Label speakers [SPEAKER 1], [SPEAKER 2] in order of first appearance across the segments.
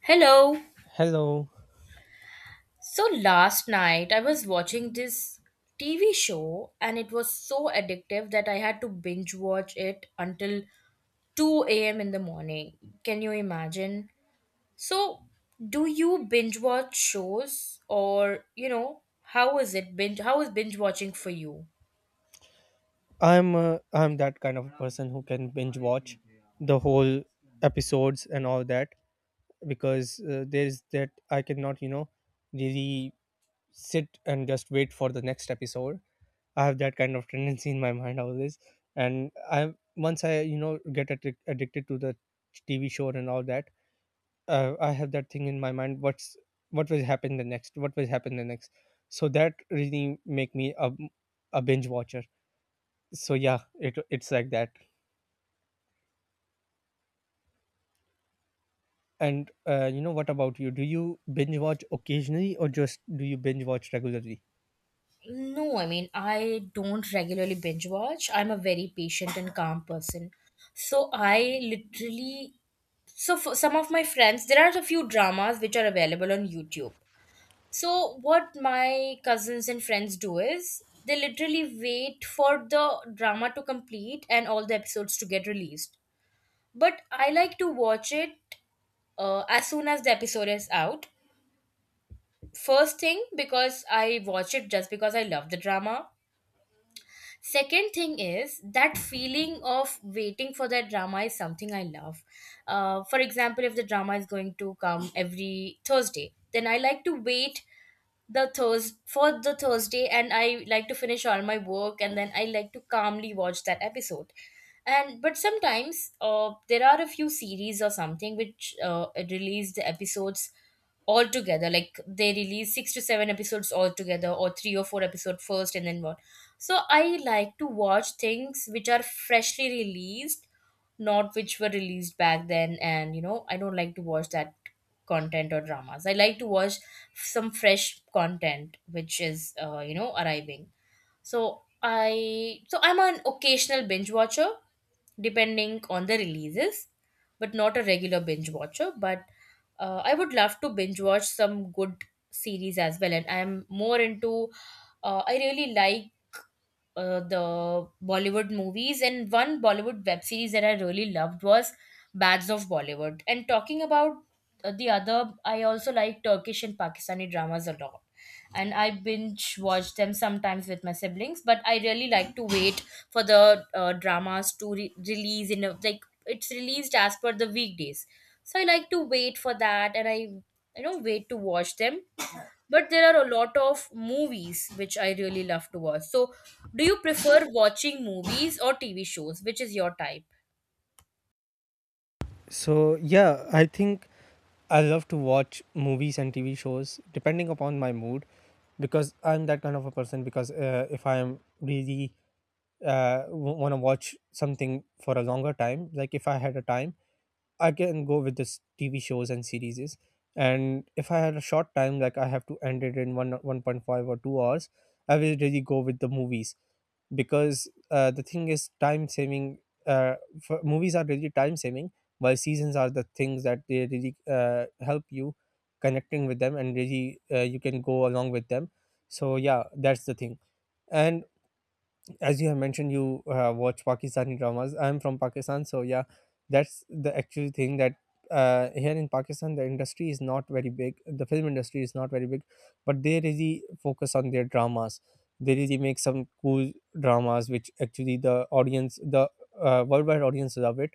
[SPEAKER 1] Hello.
[SPEAKER 2] Hello.
[SPEAKER 1] So last night I was watching this TV show and it was so addictive that I had to binge watch it until 2 a.m. in the morning. Can you imagine? So, do you binge watch shows or, how is binge watching for you?
[SPEAKER 2] I'm that kind of a person who can binge watch the whole episodes and all that because there is that I cannot, really sit and just wait for the next episode. I have that kind of tendency in my mind always and I once I, get addicted to the TV show and all that, I have that thing in my mind what will happen the next? What will happen the next? So that really make me a binge watcher. So yeah, it's like that. And you know, what about you? Do you binge watch occasionally, or just do you binge watch regularly?
[SPEAKER 1] No, I mean, I don't regularly binge watch. I'm a very patient and calm person. So I literally So, for some of my friends, there are a few dramas which are available on YouTube. So, what my cousins and friends do is they literally wait for the drama to complete and all the episodes to get released. But I like to watch it as soon as the episode is out. First thing, because I watch it just because I love the drama. Second thing is that feeling of waiting for that drama is something I love. For example, if the drama is going to come every Thursday, then I like to wait the Thurs for the Thursday, and I like to finish all my work, and then I like to calmly watch that episode. And but sometimes, there are a few series or something which release the episodes all together. Like they release 6 to 7 episodes all together, or 3 or 4 episode first, and then what. So I like to watch things which are freshly released, not which were released back then. And I don't like to watch that content or dramas. I like to watch some fresh content which is arriving. So I'm an occasional binge watcher, depending on the releases, but not a regular binge watcher. But I would love to binge watch some good series as well, and I'm more into I really like the Bollywood movies, and one Bollywood web series that I really loved was Bads of Bollywood. And talking about I also like Turkish and Pakistani dramas a lot. And I binge watch them sometimes with my siblings, but I really like to wait for the dramas to release in a, like, it's released as per the weekdays. So I like to wait for that, and I don't wait to watch them, but there are a lot of movies which I really love to watch. So, do you prefer watching movies or TV shows? Which is your type?
[SPEAKER 2] So yeah, I think I love to watch movies and TV shows depending upon my mood because I'm that kind of a person. Because if I'm really want to watch something for a longer time, like if I had a time, I can go with this TV shows and series. And if I had a short time, like I have to end it in 1.5 or 2 hours, I will really go with the movies because the thing is time saving. Uh, for, movies are really time saving, while seasons are the things that they really help you connecting with them and really you can go along with them. So yeah, that's the thing. And as you have mentioned, you watch Pakistani dramas. I'm from Pakistan, so yeah, that's the actual thing that here in Pakistan, the industry is not very big, the film industry is not very big, but they really focus on their dramas. They really make some cool dramas which actually the audience, the worldwide audience love it.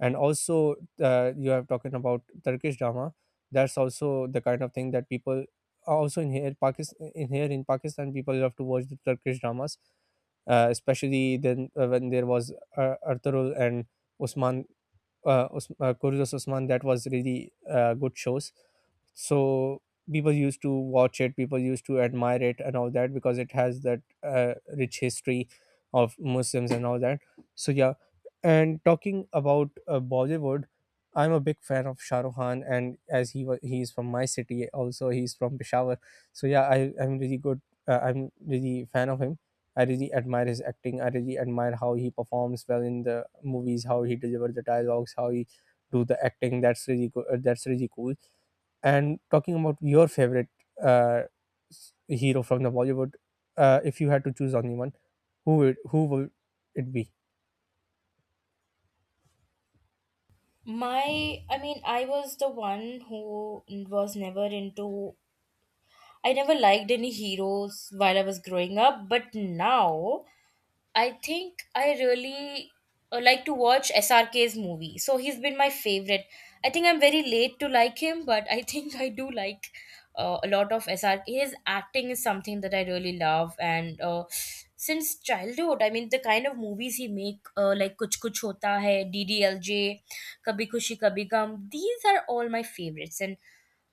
[SPEAKER 2] And also you have talking about Turkish drama, that's also the kind of thing that people, also in here pakistan in here in Pakistan, people love to watch the Turkish dramas, especially then when there was Arturul and Usman, Kurdos Usman. That was really good shows. So people used to watch it, people used to admire it and all that, because it has that rich history of Muslims and all that. So yeah. And talking about Bollywood, I'm a big fan of Shah Rukh Khan, and as he was he's from my city also, he's from Peshawar. So yeah, I'm really fan of him. I really admire his acting, I really admire how he performs well in the movies, how he delivers the dialogues, how he do the acting. That's really good, that's really cool. And talking about your favorite uh, hero from the Bollywood, if you had to choose only one, who would it be?
[SPEAKER 1] I was the one who was never into, I never liked any heroes while I was growing up, but now I think I really like to watch SRK's movie. So he's been my favorite. I think I'm very late to like him, but I think I do like a lot of SRK. His acting is something that I really love, and since childhood, I mean, the kind of movies he make, like Kuch Kuch Hota Hai, DDLJ, Kabhi Kushi Kabhi Gum, these are all my favorites, and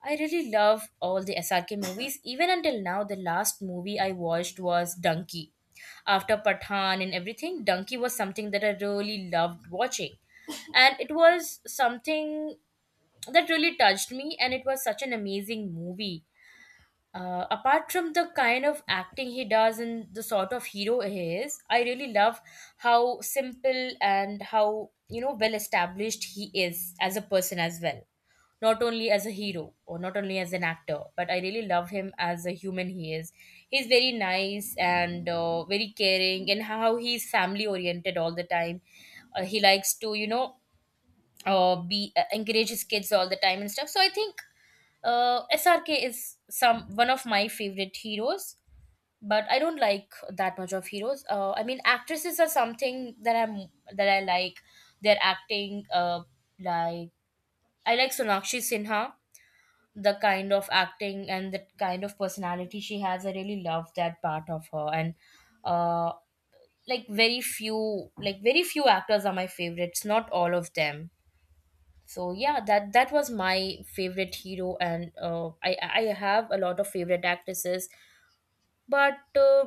[SPEAKER 1] I really love all the SRK movies. Even until now, the last movie I watched was Donkey, after Pathan and everything. Donkey was something that I really loved watching. And it was something that really touched me, and it was such an amazing movie. Apart from the kind of acting he does and the sort of hero he is, I really love how simple and how, well established he is as a person as well, not only as a hero or not only as an actor, but I really love him as a human he is. He's very nice and very caring, and how he's family oriented all the time. He likes to, you know, be encourage his kids all the time and stuff. So I think SRK is some one of my favorite heroes. But I don't like that much of heroes. I mean, actresses are something that I like. Their acting, like I like Sonakshi Sinha, the kind of acting and the kind of personality she has. I really love that part of her. And uh like very few Like, very few actors are my favorites, not all of them. So yeah, that was my favorite hero, and I have a lot of favorite actresses, but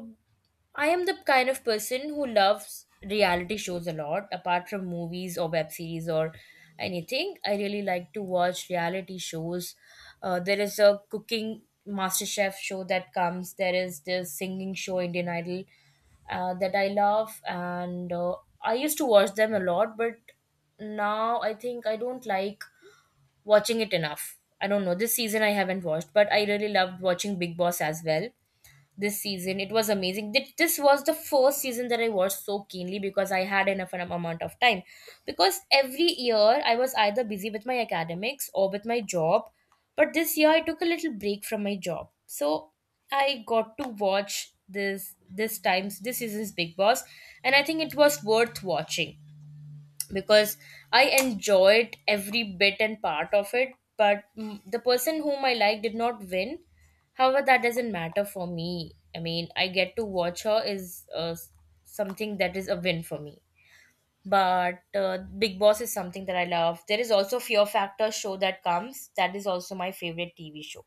[SPEAKER 1] I am the kind of person who loves reality shows a lot, apart from movies or web series or anything. I really like to watch reality shows. There is a cooking master chef show that comes, there is this singing show, Indian Idol, that I love, and I used to watch them a lot, but now I think I don't like watching it enough. I don't know. This season I haven't watched, but I really loved watching Big Boss as well this season. It was amazing. This was the first season that I watched so keenly because I had enough amount of time. Because every year I was either busy with my academics or with my job, but this year I took a little break from my job. So I got to watch this season's Big Boss, and I think it was worth watching because I enjoyed every bit and part of it. But the person whom I like did not win. However, that doesn't matter for me. I mean, I get to watch her is something that is a win for me. But Big Boss is something that I love. There is also Fear Factor show that comes. That is also my favorite TV show.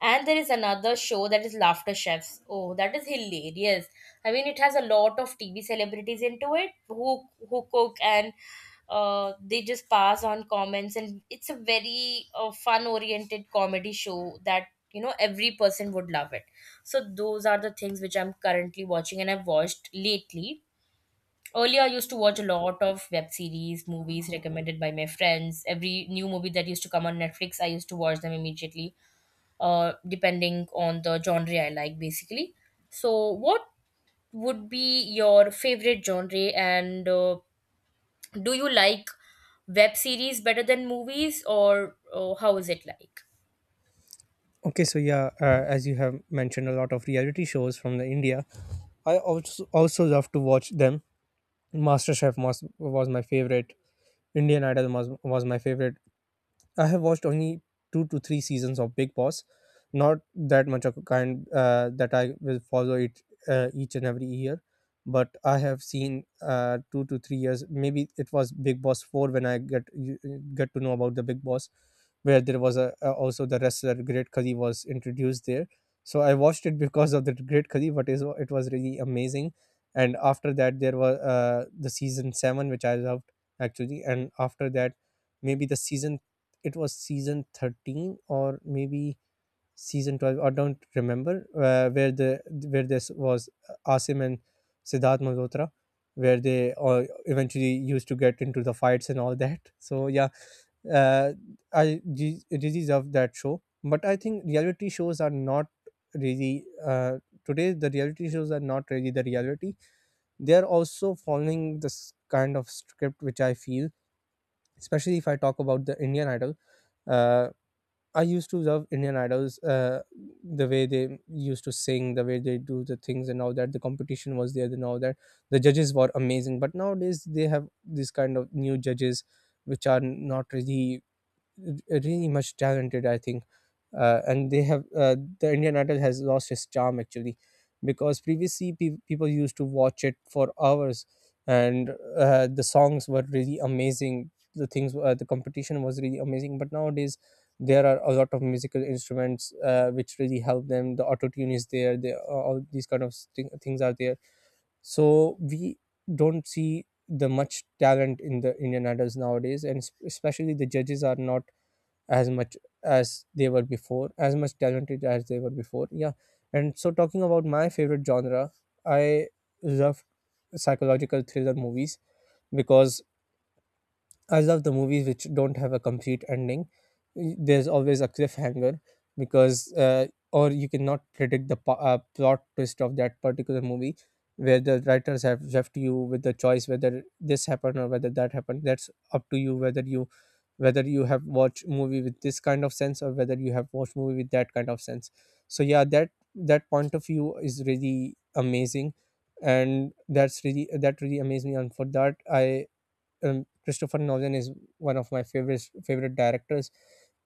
[SPEAKER 1] And there is another show that is Laughter Chefs. Oh, that is hilarious. I mean, it has a lot of TV celebrities into it who cook and they just pass on comments, and it's a very fun oriented comedy show that, every person would love it. So those are the things which I'm currently watching and I've watched lately. Earlier, I used to watch a lot of web series, movies recommended by my friends. Every new movie that used to come on Netflix, I used to watch them immediately, depending on the genre I like, basically. So, what would be your favorite genre, and do you like web series better than movies, or how is it like?
[SPEAKER 2] Okay, so yeah, as you have mentioned, a lot of reality shows from the India. I also love to watch them. MasterChef was my favorite. Indian Idol was my favorite. I have watched only two to three seasons of Big Boss, not that much of a kind that I will follow it each and every year. But I have seen 2 to 3 years. Maybe it was Big Boss four when I get to know about the Big Boss, where there was a also the wrestler Great Khali was introduced there. So I watched it because of the Great Khali, but is it was really amazing. And after that, there was the season seven, which I loved actually. And after that, maybe the season, it was season 13, or maybe season 12, I don't remember. Where the where this was Asim and Siddharth Malhotra, where they eventually used to get into the fights and all that so yeah, uh, really love that show. But I think reality shows are not really uh, today, the reality shows are not really the reality. They are also following this kind of script, which I feel, especially if I talk about the Indian Idol. Uh, I used to love Indian Idols, the way they used to sing, the way they do the things, and all that. The competition was there, and all that. The judges were amazing, but nowadays they have these kind of new judges, which are not really much talented, I think. And they have, the Indian Idol has lost its charm actually, because previously people used to watch it for hours, and the songs were really amazing. The things, the competition was really amazing. But nowadays, there are a lot of musical instruments which really help them. The auto tune is there. All these kind of things are there. So we don't see the much talent in the Indian idols nowadays, and especially the judges are not as much, as they were before, as much talented as they were before. Yeah. And so, talking about my favorite genre, I love psychological thriller movies because I love the movies which don't have a complete ending. There's always a cliffhanger because, or you cannot predict the plot twist of that particular movie, where the writers have left you with the choice whether this happened or whether that happened. That's up to you, whether you have watched movie with this kind of sense, or whether you have watched movie with that kind of sense. So yeah, that point of view is really amazing, and that really amazed me. And for that, I Christopher Nolan is one of my favorite directors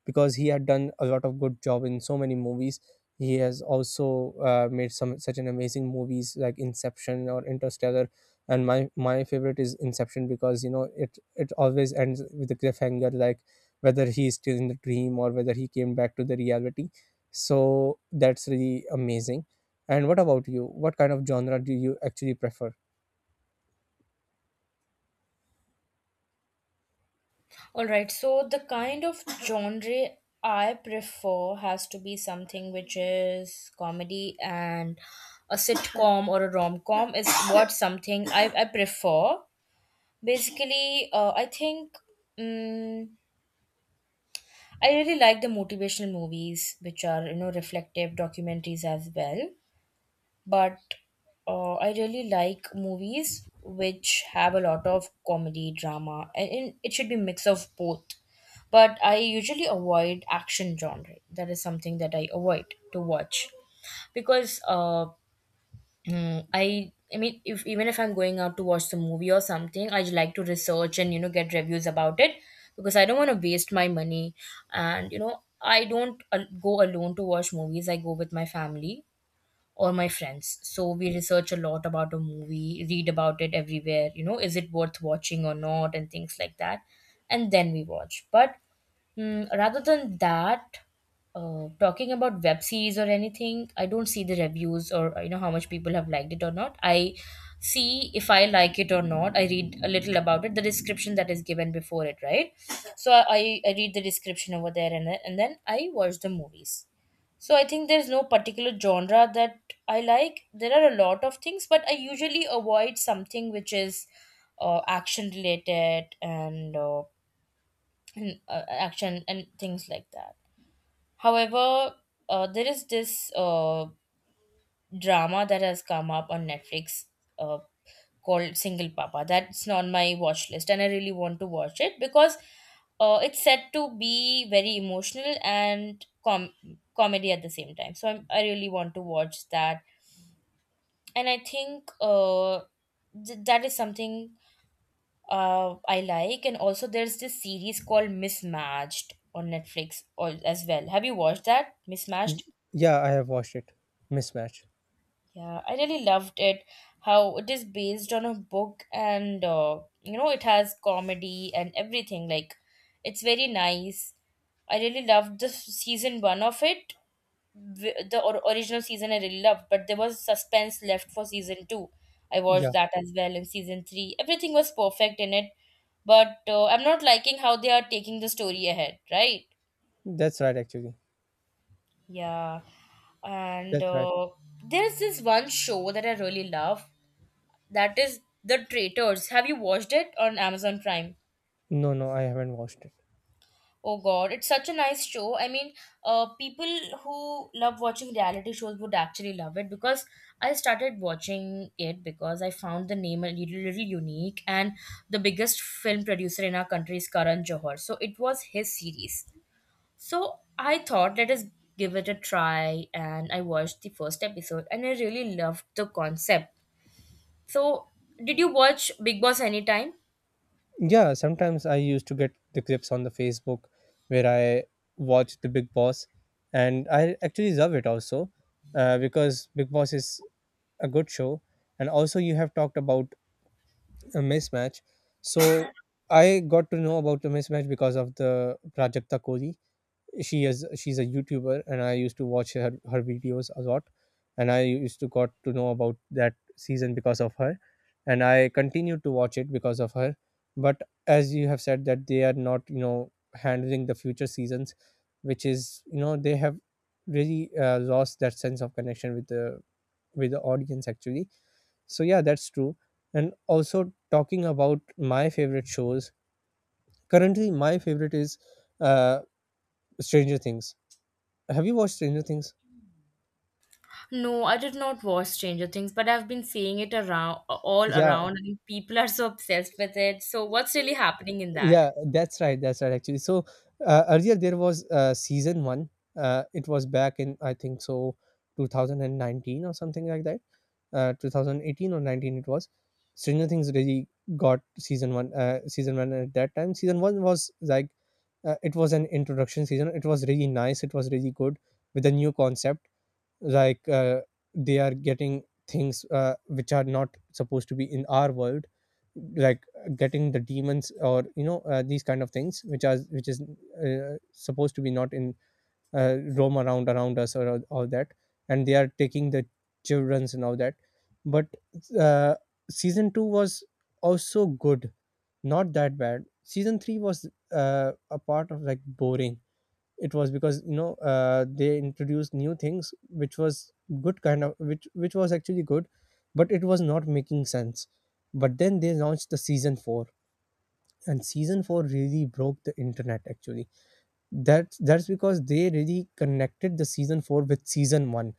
[SPEAKER 2] because he had done a lot of good job in so many movies. He has also made some such an amazing movies like Inception or Interstellar, and my favorite is Inception because, you know, it always ends with a cliffhanger, like whether he is still in the dream or whether he came back to the reality. So that's really amazing. And what about you? What kind of genre do you actually prefer?
[SPEAKER 1] All right, so the kind of genre I prefer has to be something which is comedy, and a sitcom or a rom com is what something I prefer. Basically, I think, mm I really like the motivational movies, which are, reflective documentaries as well, but I really like movies which have a lot of comedy, drama, and it should be mix of both. But I usually avoid action genre. That is something that I avoid to watch because I mean, if even if I'm going out to watch the movie or something, I just like to research and get reviews about it because I don't want to waste my money. And I don't go alone to watch movies. I go with my family or my friends. So we research a lot about a movie, read about it everywhere, is it worth watching or not, and things like that. And then we watch. But mm, rather than that, talking about web series or anything, I don't see the reviews or how much people have liked it or not. I see if I like it or not. I read a little about it, the description that is given before it, right? So I read the description over there and then I watch the movies. So I think there's no particular genre that I like. There are a lot of things, but I usually avoid something which is action related, and action and things like that. However, there is this drama that has come up on Netflix uh, called Single Papa. That's on my watch list, and I really want to watch it because it's said to be very emotional and comedy at the same time. So I really want to watch that, and I think that is something I like. And also, there's this series called Mismatched on Netflix or as well. Have you watched that
[SPEAKER 2] Y-
[SPEAKER 1] Mismatched?
[SPEAKER 2] Yeah, I have watched it. Mismatch.
[SPEAKER 1] Yeah, I really loved it. How it is based on a book, and, it has comedy and everything. Like, it's very nice. I really loved the season 1 of it. The original season I really loved, but there was suspense left for season 2. I watched
[SPEAKER 2] Yeah,
[SPEAKER 1] that as well in season 3. Everything was perfect in it, but I'm not liking how they are taking the story ahead, right?
[SPEAKER 2] that's right actually.
[SPEAKER 1] Yeah. And
[SPEAKER 2] That's right.
[SPEAKER 1] there's this one show that I really love. That is The Traitors. Have you watched it on Amazon Prime?
[SPEAKER 2] No, no, I haven't watched it.
[SPEAKER 1] Oh god, it's such a nice show. I mean, people who love watching reality shows would actually love it because I started watching it because I found the name a little unique, and the biggest film producer in our country is Karan Johar. So it was his series. So I thought let us give it a try, and I watched the first episode and I really loved the concept. So did you watch Big Boss anytime?
[SPEAKER 2] Yeah, sometimes I used to get the clips on the Facebook where I watch the Big Boss, and I actually love it also because Big Boss is a good show. And also you have talked about a mismatch. So I got to know about the mismatch because of the Prajakta Kohli. She's a youtuber, and I used to watch her videos a lot, and I used to got to know about that season because of her, and I continued to watch it because of her. But as you have said that they are not, you know, handling the future seasons, which is, you know, they have really lost that sense of connection with the audience actually. So yeah, that's true. And also talking about my favorite shows, currently my favorite is uh, Stranger Things. Have you watched Stranger Things?
[SPEAKER 1] No, I did not watch Stranger Things, but I've been seeing it around, all
[SPEAKER 2] Yeah,
[SPEAKER 1] around, and people are so obsessed with it. So what's really happening in that?
[SPEAKER 2] yeah, that's right, that's right. Actually, so earlier there was season one. It was back in, I think so, 2019 or something like that. 2018 or 19 it was. Stranger Things really got season one. Season one at that time. Season one was like, it was an introduction season. It was really nice. It was really good with a new concept. like uh, they are getting things which are not supposed to be in our world, getting the demons, or these kind of things which is supposed to be not in roam around us, or all that, and they are taking the childrens and all that. But uh, season 2 was also good, not that bad. Season 3 was a part of like boring. It was because they introduced new things which was good, kind of, which was actually good, but it was not making sense. But then they launched the season 4, and season 4 really broke the internet, actually. That's because they really connected the season 4 with season 1,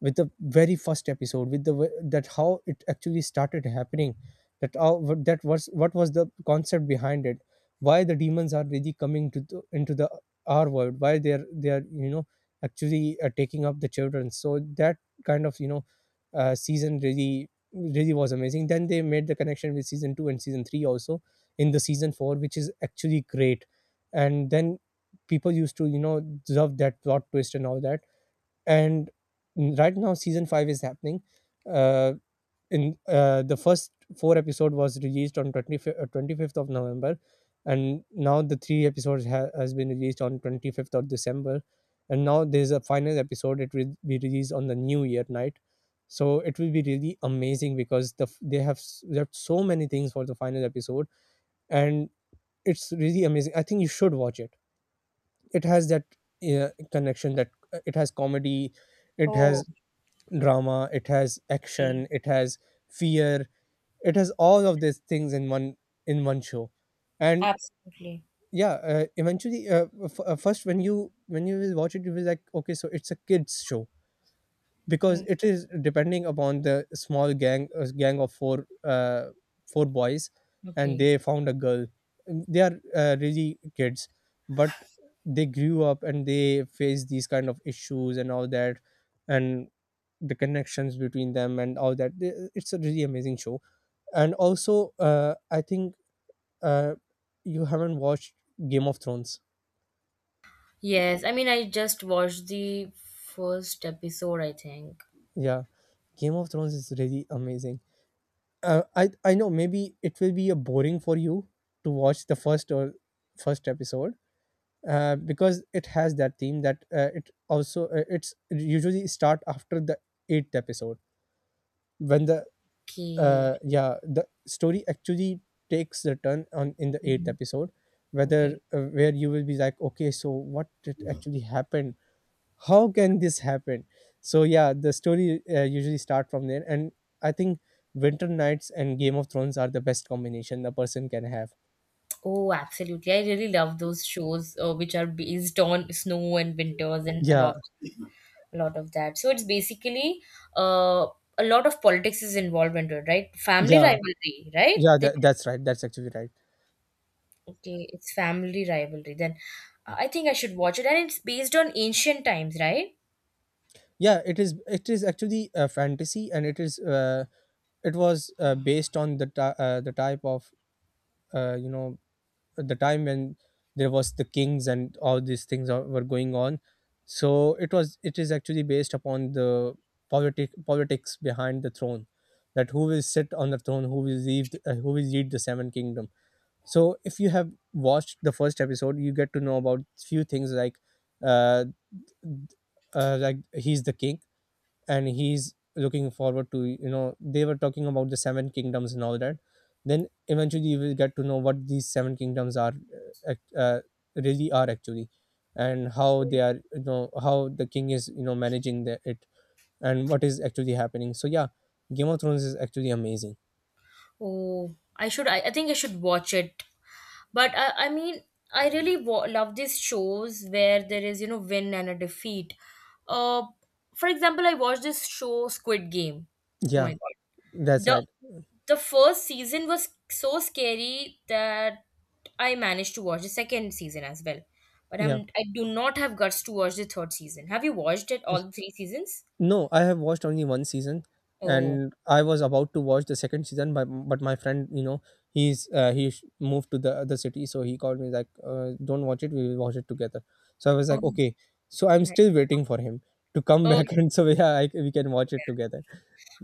[SPEAKER 2] with the very first episode, that how it actually started happening, that how, that was, what was the concept behind it, why the demons are really coming to into the our world, why they are actually taking up the children, so that kind of, season really was amazing. Then they made the connection with season 2 and season 3 also in the season 4, which is actually great. And then people used to, love that plot twist and all that. And right now season 5 is happening. uh, in the first four episode was released on 25th, 25th of November, and now the three episodes has been released on 25th of December. And now there's a final episode, it will be released on the new year night. So it will be really amazing, because they have left so many things for the final episode. And it's really amazing, I think you should watch it. It has that connection, that it has comedy, it
[SPEAKER 1] Oh,
[SPEAKER 2] has drama, it has
[SPEAKER 1] okay.
[SPEAKER 2] action, it has fear. It has all of these things in one, in one show. And
[SPEAKER 1] Absolutely.
[SPEAKER 2] yeah, eventually, first when you will watch it, you will like, okay, so it's a kids show, because
[SPEAKER 1] Mm.
[SPEAKER 2] it is depending upon the small gang, gang of four, four boys. And
[SPEAKER 1] Okay.
[SPEAKER 2] they found a girl. They are really kids, but they grew up and they face these kind of issues and all that. And the connections between them and all that. It's a really amazing show. And also, I think uh, you haven't watched Game of Thrones.
[SPEAKER 1] Yes, I mean, I just watched the first episode, I think.
[SPEAKER 2] Yeah, Game of Thrones is really amazing. I know maybe it will be a boring for you to watch the first or first episode, because it has that theme that, it's usually start after the eighth episode, when the
[SPEAKER 1] Okay.
[SPEAKER 2] yeah, the story actually takes the turn on in the eighth
[SPEAKER 1] Mhm.
[SPEAKER 2] episode, whether,
[SPEAKER 1] Okay.
[SPEAKER 2] where you will be like, okay, so what did actually happen? How can this happen? So yeah, the story usually start from there. And I think Winter Nights and Game of Thrones are the best combination a person can have.
[SPEAKER 1] Oh, absolutely. I really love those shows which are based on snow and winters and a
[SPEAKER 2] Yeah,
[SPEAKER 1] lot. A lot of that. So it's basically, uh, a lot of politics is involved into it, right? Family
[SPEAKER 2] yeah,
[SPEAKER 1] rivalry, right?
[SPEAKER 2] yeah.
[SPEAKER 1] They,
[SPEAKER 2] That's right. That's actually right.
[SPEAKER 1] okay, it's family rivalry. Then I think I should watch it, and it's based on ancient times, right?
[SPEAKER 2] Yeah, it is. It is actually a fantasy, and it is. It was based on the type of, uh, you know the time when there was the kings and all these things were going on. So it is actually based upon the politics behind the throne, that who will sit on the throne, who will lead, who will lead the seven kingdom. So if you have watched the first episode, you get to know about few things, uh, like he's the king, and he's looking forward to, they were talking about the seven kingdoms and all that. Then eventually you will get to know what these seven kingdoms are, really are, actually, and how they are, how the king is, managing it and what is actually happening. So yeah, Game of Thrones is actually amazing.
[SPEAKER 1] Oh, I should. I think I should watch it. But I mean, I really love these shows where there is, you know, win and a defeat. Uh, for example, I watched this show Squid Game. Oh
[SPEAKER 2] Yeah,
[SPEAKER 1] my god.
[SPEAKER 2] that's right.
[SPEAKER 1] The first season was so scary that I managed to watch the second season as well. But
[SPEAKER 2] Yeah.
[SPEAKER 1] I do not have guts to watch the third season. Have you watched it all the three seasons?
[SPEAKER 2] No, I have watched only one season,
[SPEAKER 1] Oh,
[SPEAKER 2] and I was about to watch the second season, but my friend, you know, he's, moved to the other city, so he called me like, "Don't watch it. We will watch it together." So I was
[SPEAKER 1] oh,
[SPEAKER 2] like, "Okay." So I'm
[SPEAKER 1] nice.
[SPEAKER 2] still waiting for him to come
[SPEAKER 1] Oh,
[SPEAKER 2] back, and so yeah, I, we can watch it together.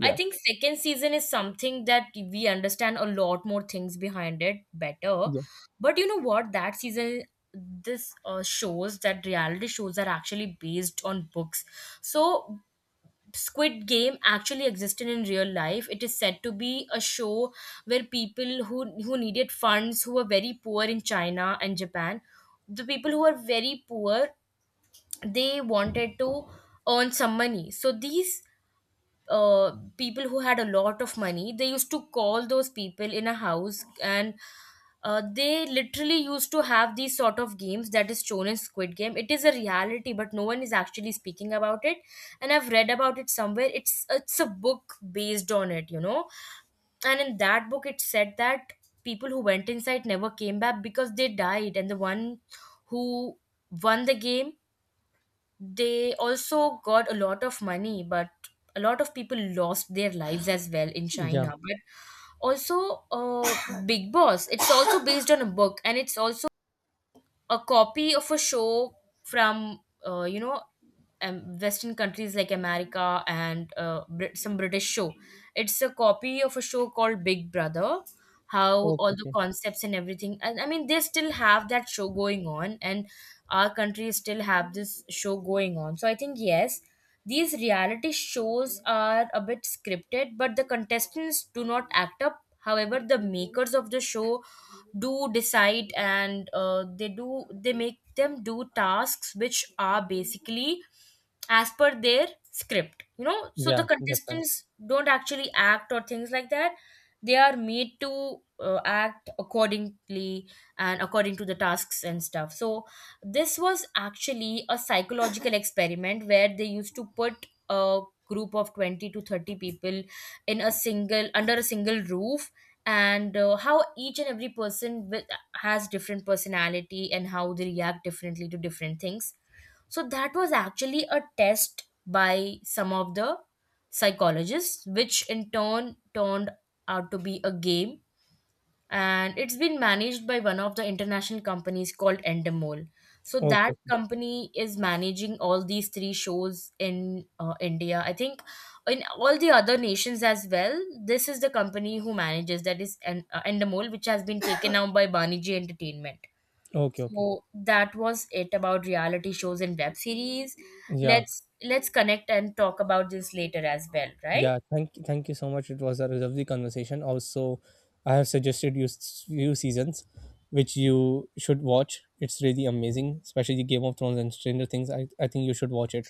[SPEAKER 1] I think second season is something that we understand a lot more things behind it better.
[SPEAKER 2] yeah,
[SPEAKER 1] But you know what? That season, this shows that reality shows are actually based on books. So Squid Game actually existed in real life. It is said to be a show where people who needed funds, who were very poor in China and Japan, the people who were very poor, they wanted to earn some money. So these uh, people who had a lot of money, they used to call those people in a house, and they literally used to have these sort of games that is shown in Squid Game. It is a reality, but no one is actually speaking about it. And I've read about it somewhere. It's a book based on it, you know. And in that book, it said that people who went inside never came back because they died, and the one who won the game, they also got a lot of money, but a lot of people lost their lives as well in
[SPEAKER 2] yeah.
[SPEAKER 1] China. But also, Big Boss, it's also based on a book, and it's also a copy of a show from, you know, western countries like America and some British show. It's a copy of a show called Big Brother. How
[SPEAKER 2] Okay,
[SPEAKER 1] all the
[SPEAKER 2] okay.
[SPEAKER 1] concepts and everything, and I mean, they still have that show going on, and our country still have this show going on. So I think yes, these reality shows are a bit scripted, but the contestants do not act up. However, the makers of the show do decide, and they do, they make them do tasks which are basically as per their script, you know. So the
[SPEAKER 2] Yeah, that's fine.
[SPEAKER 1] contestants don't actually act or things like that. They are made to act accordingly and according to the tasks and stuff. So this was actually a psychological experiment where they used to put a group of 20 to 30 people in a single, under a single roof, and how each and every person with, has different personality and how they react differently to different things. So that was actually a test by some of the psychologists, which in turn turned out to be a game. And it's been managed by one of the international companies called Endemol. So
[SPEAKER 2] Okay,
[SPEAKER 1] that
[SPEAKER 2] okay,
[SPEAKER 1] company is managing all these three shows in India. I think in all the other nations as well. This is the company who manages that is Endemol, which has been taken out by Baniji Entertainment.
[SPEAKER 2] okay. Okay.
[SPEAKER 1] So that was it about reality shows and web series.
[SPEAKER 2] Yeah.
[SPEAKER 1] Let's connect and talk about this later as well, right?
[SPEAKER 2] Yeah, thank you so much. It was a lovely conversation. Also, I have suggested you few seasons which you should watch. It's really amazing, especially Game of Thrones and Stranger Things. I think you should watch it.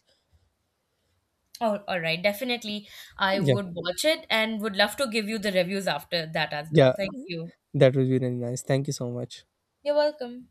[SPEAKER 1] Oh, all right. Definitely, I
[SPEAKER 2] Yeah,
[SPEAKER 1] would watch it and would love to give you the reviews after that as well.
[SPEAKER 2] yeah,
[SPEAKER 1] Thank you.
[SPEAKER 2] that would be really nice. Thank you so much.
[SPEAKER 1] You're welcome.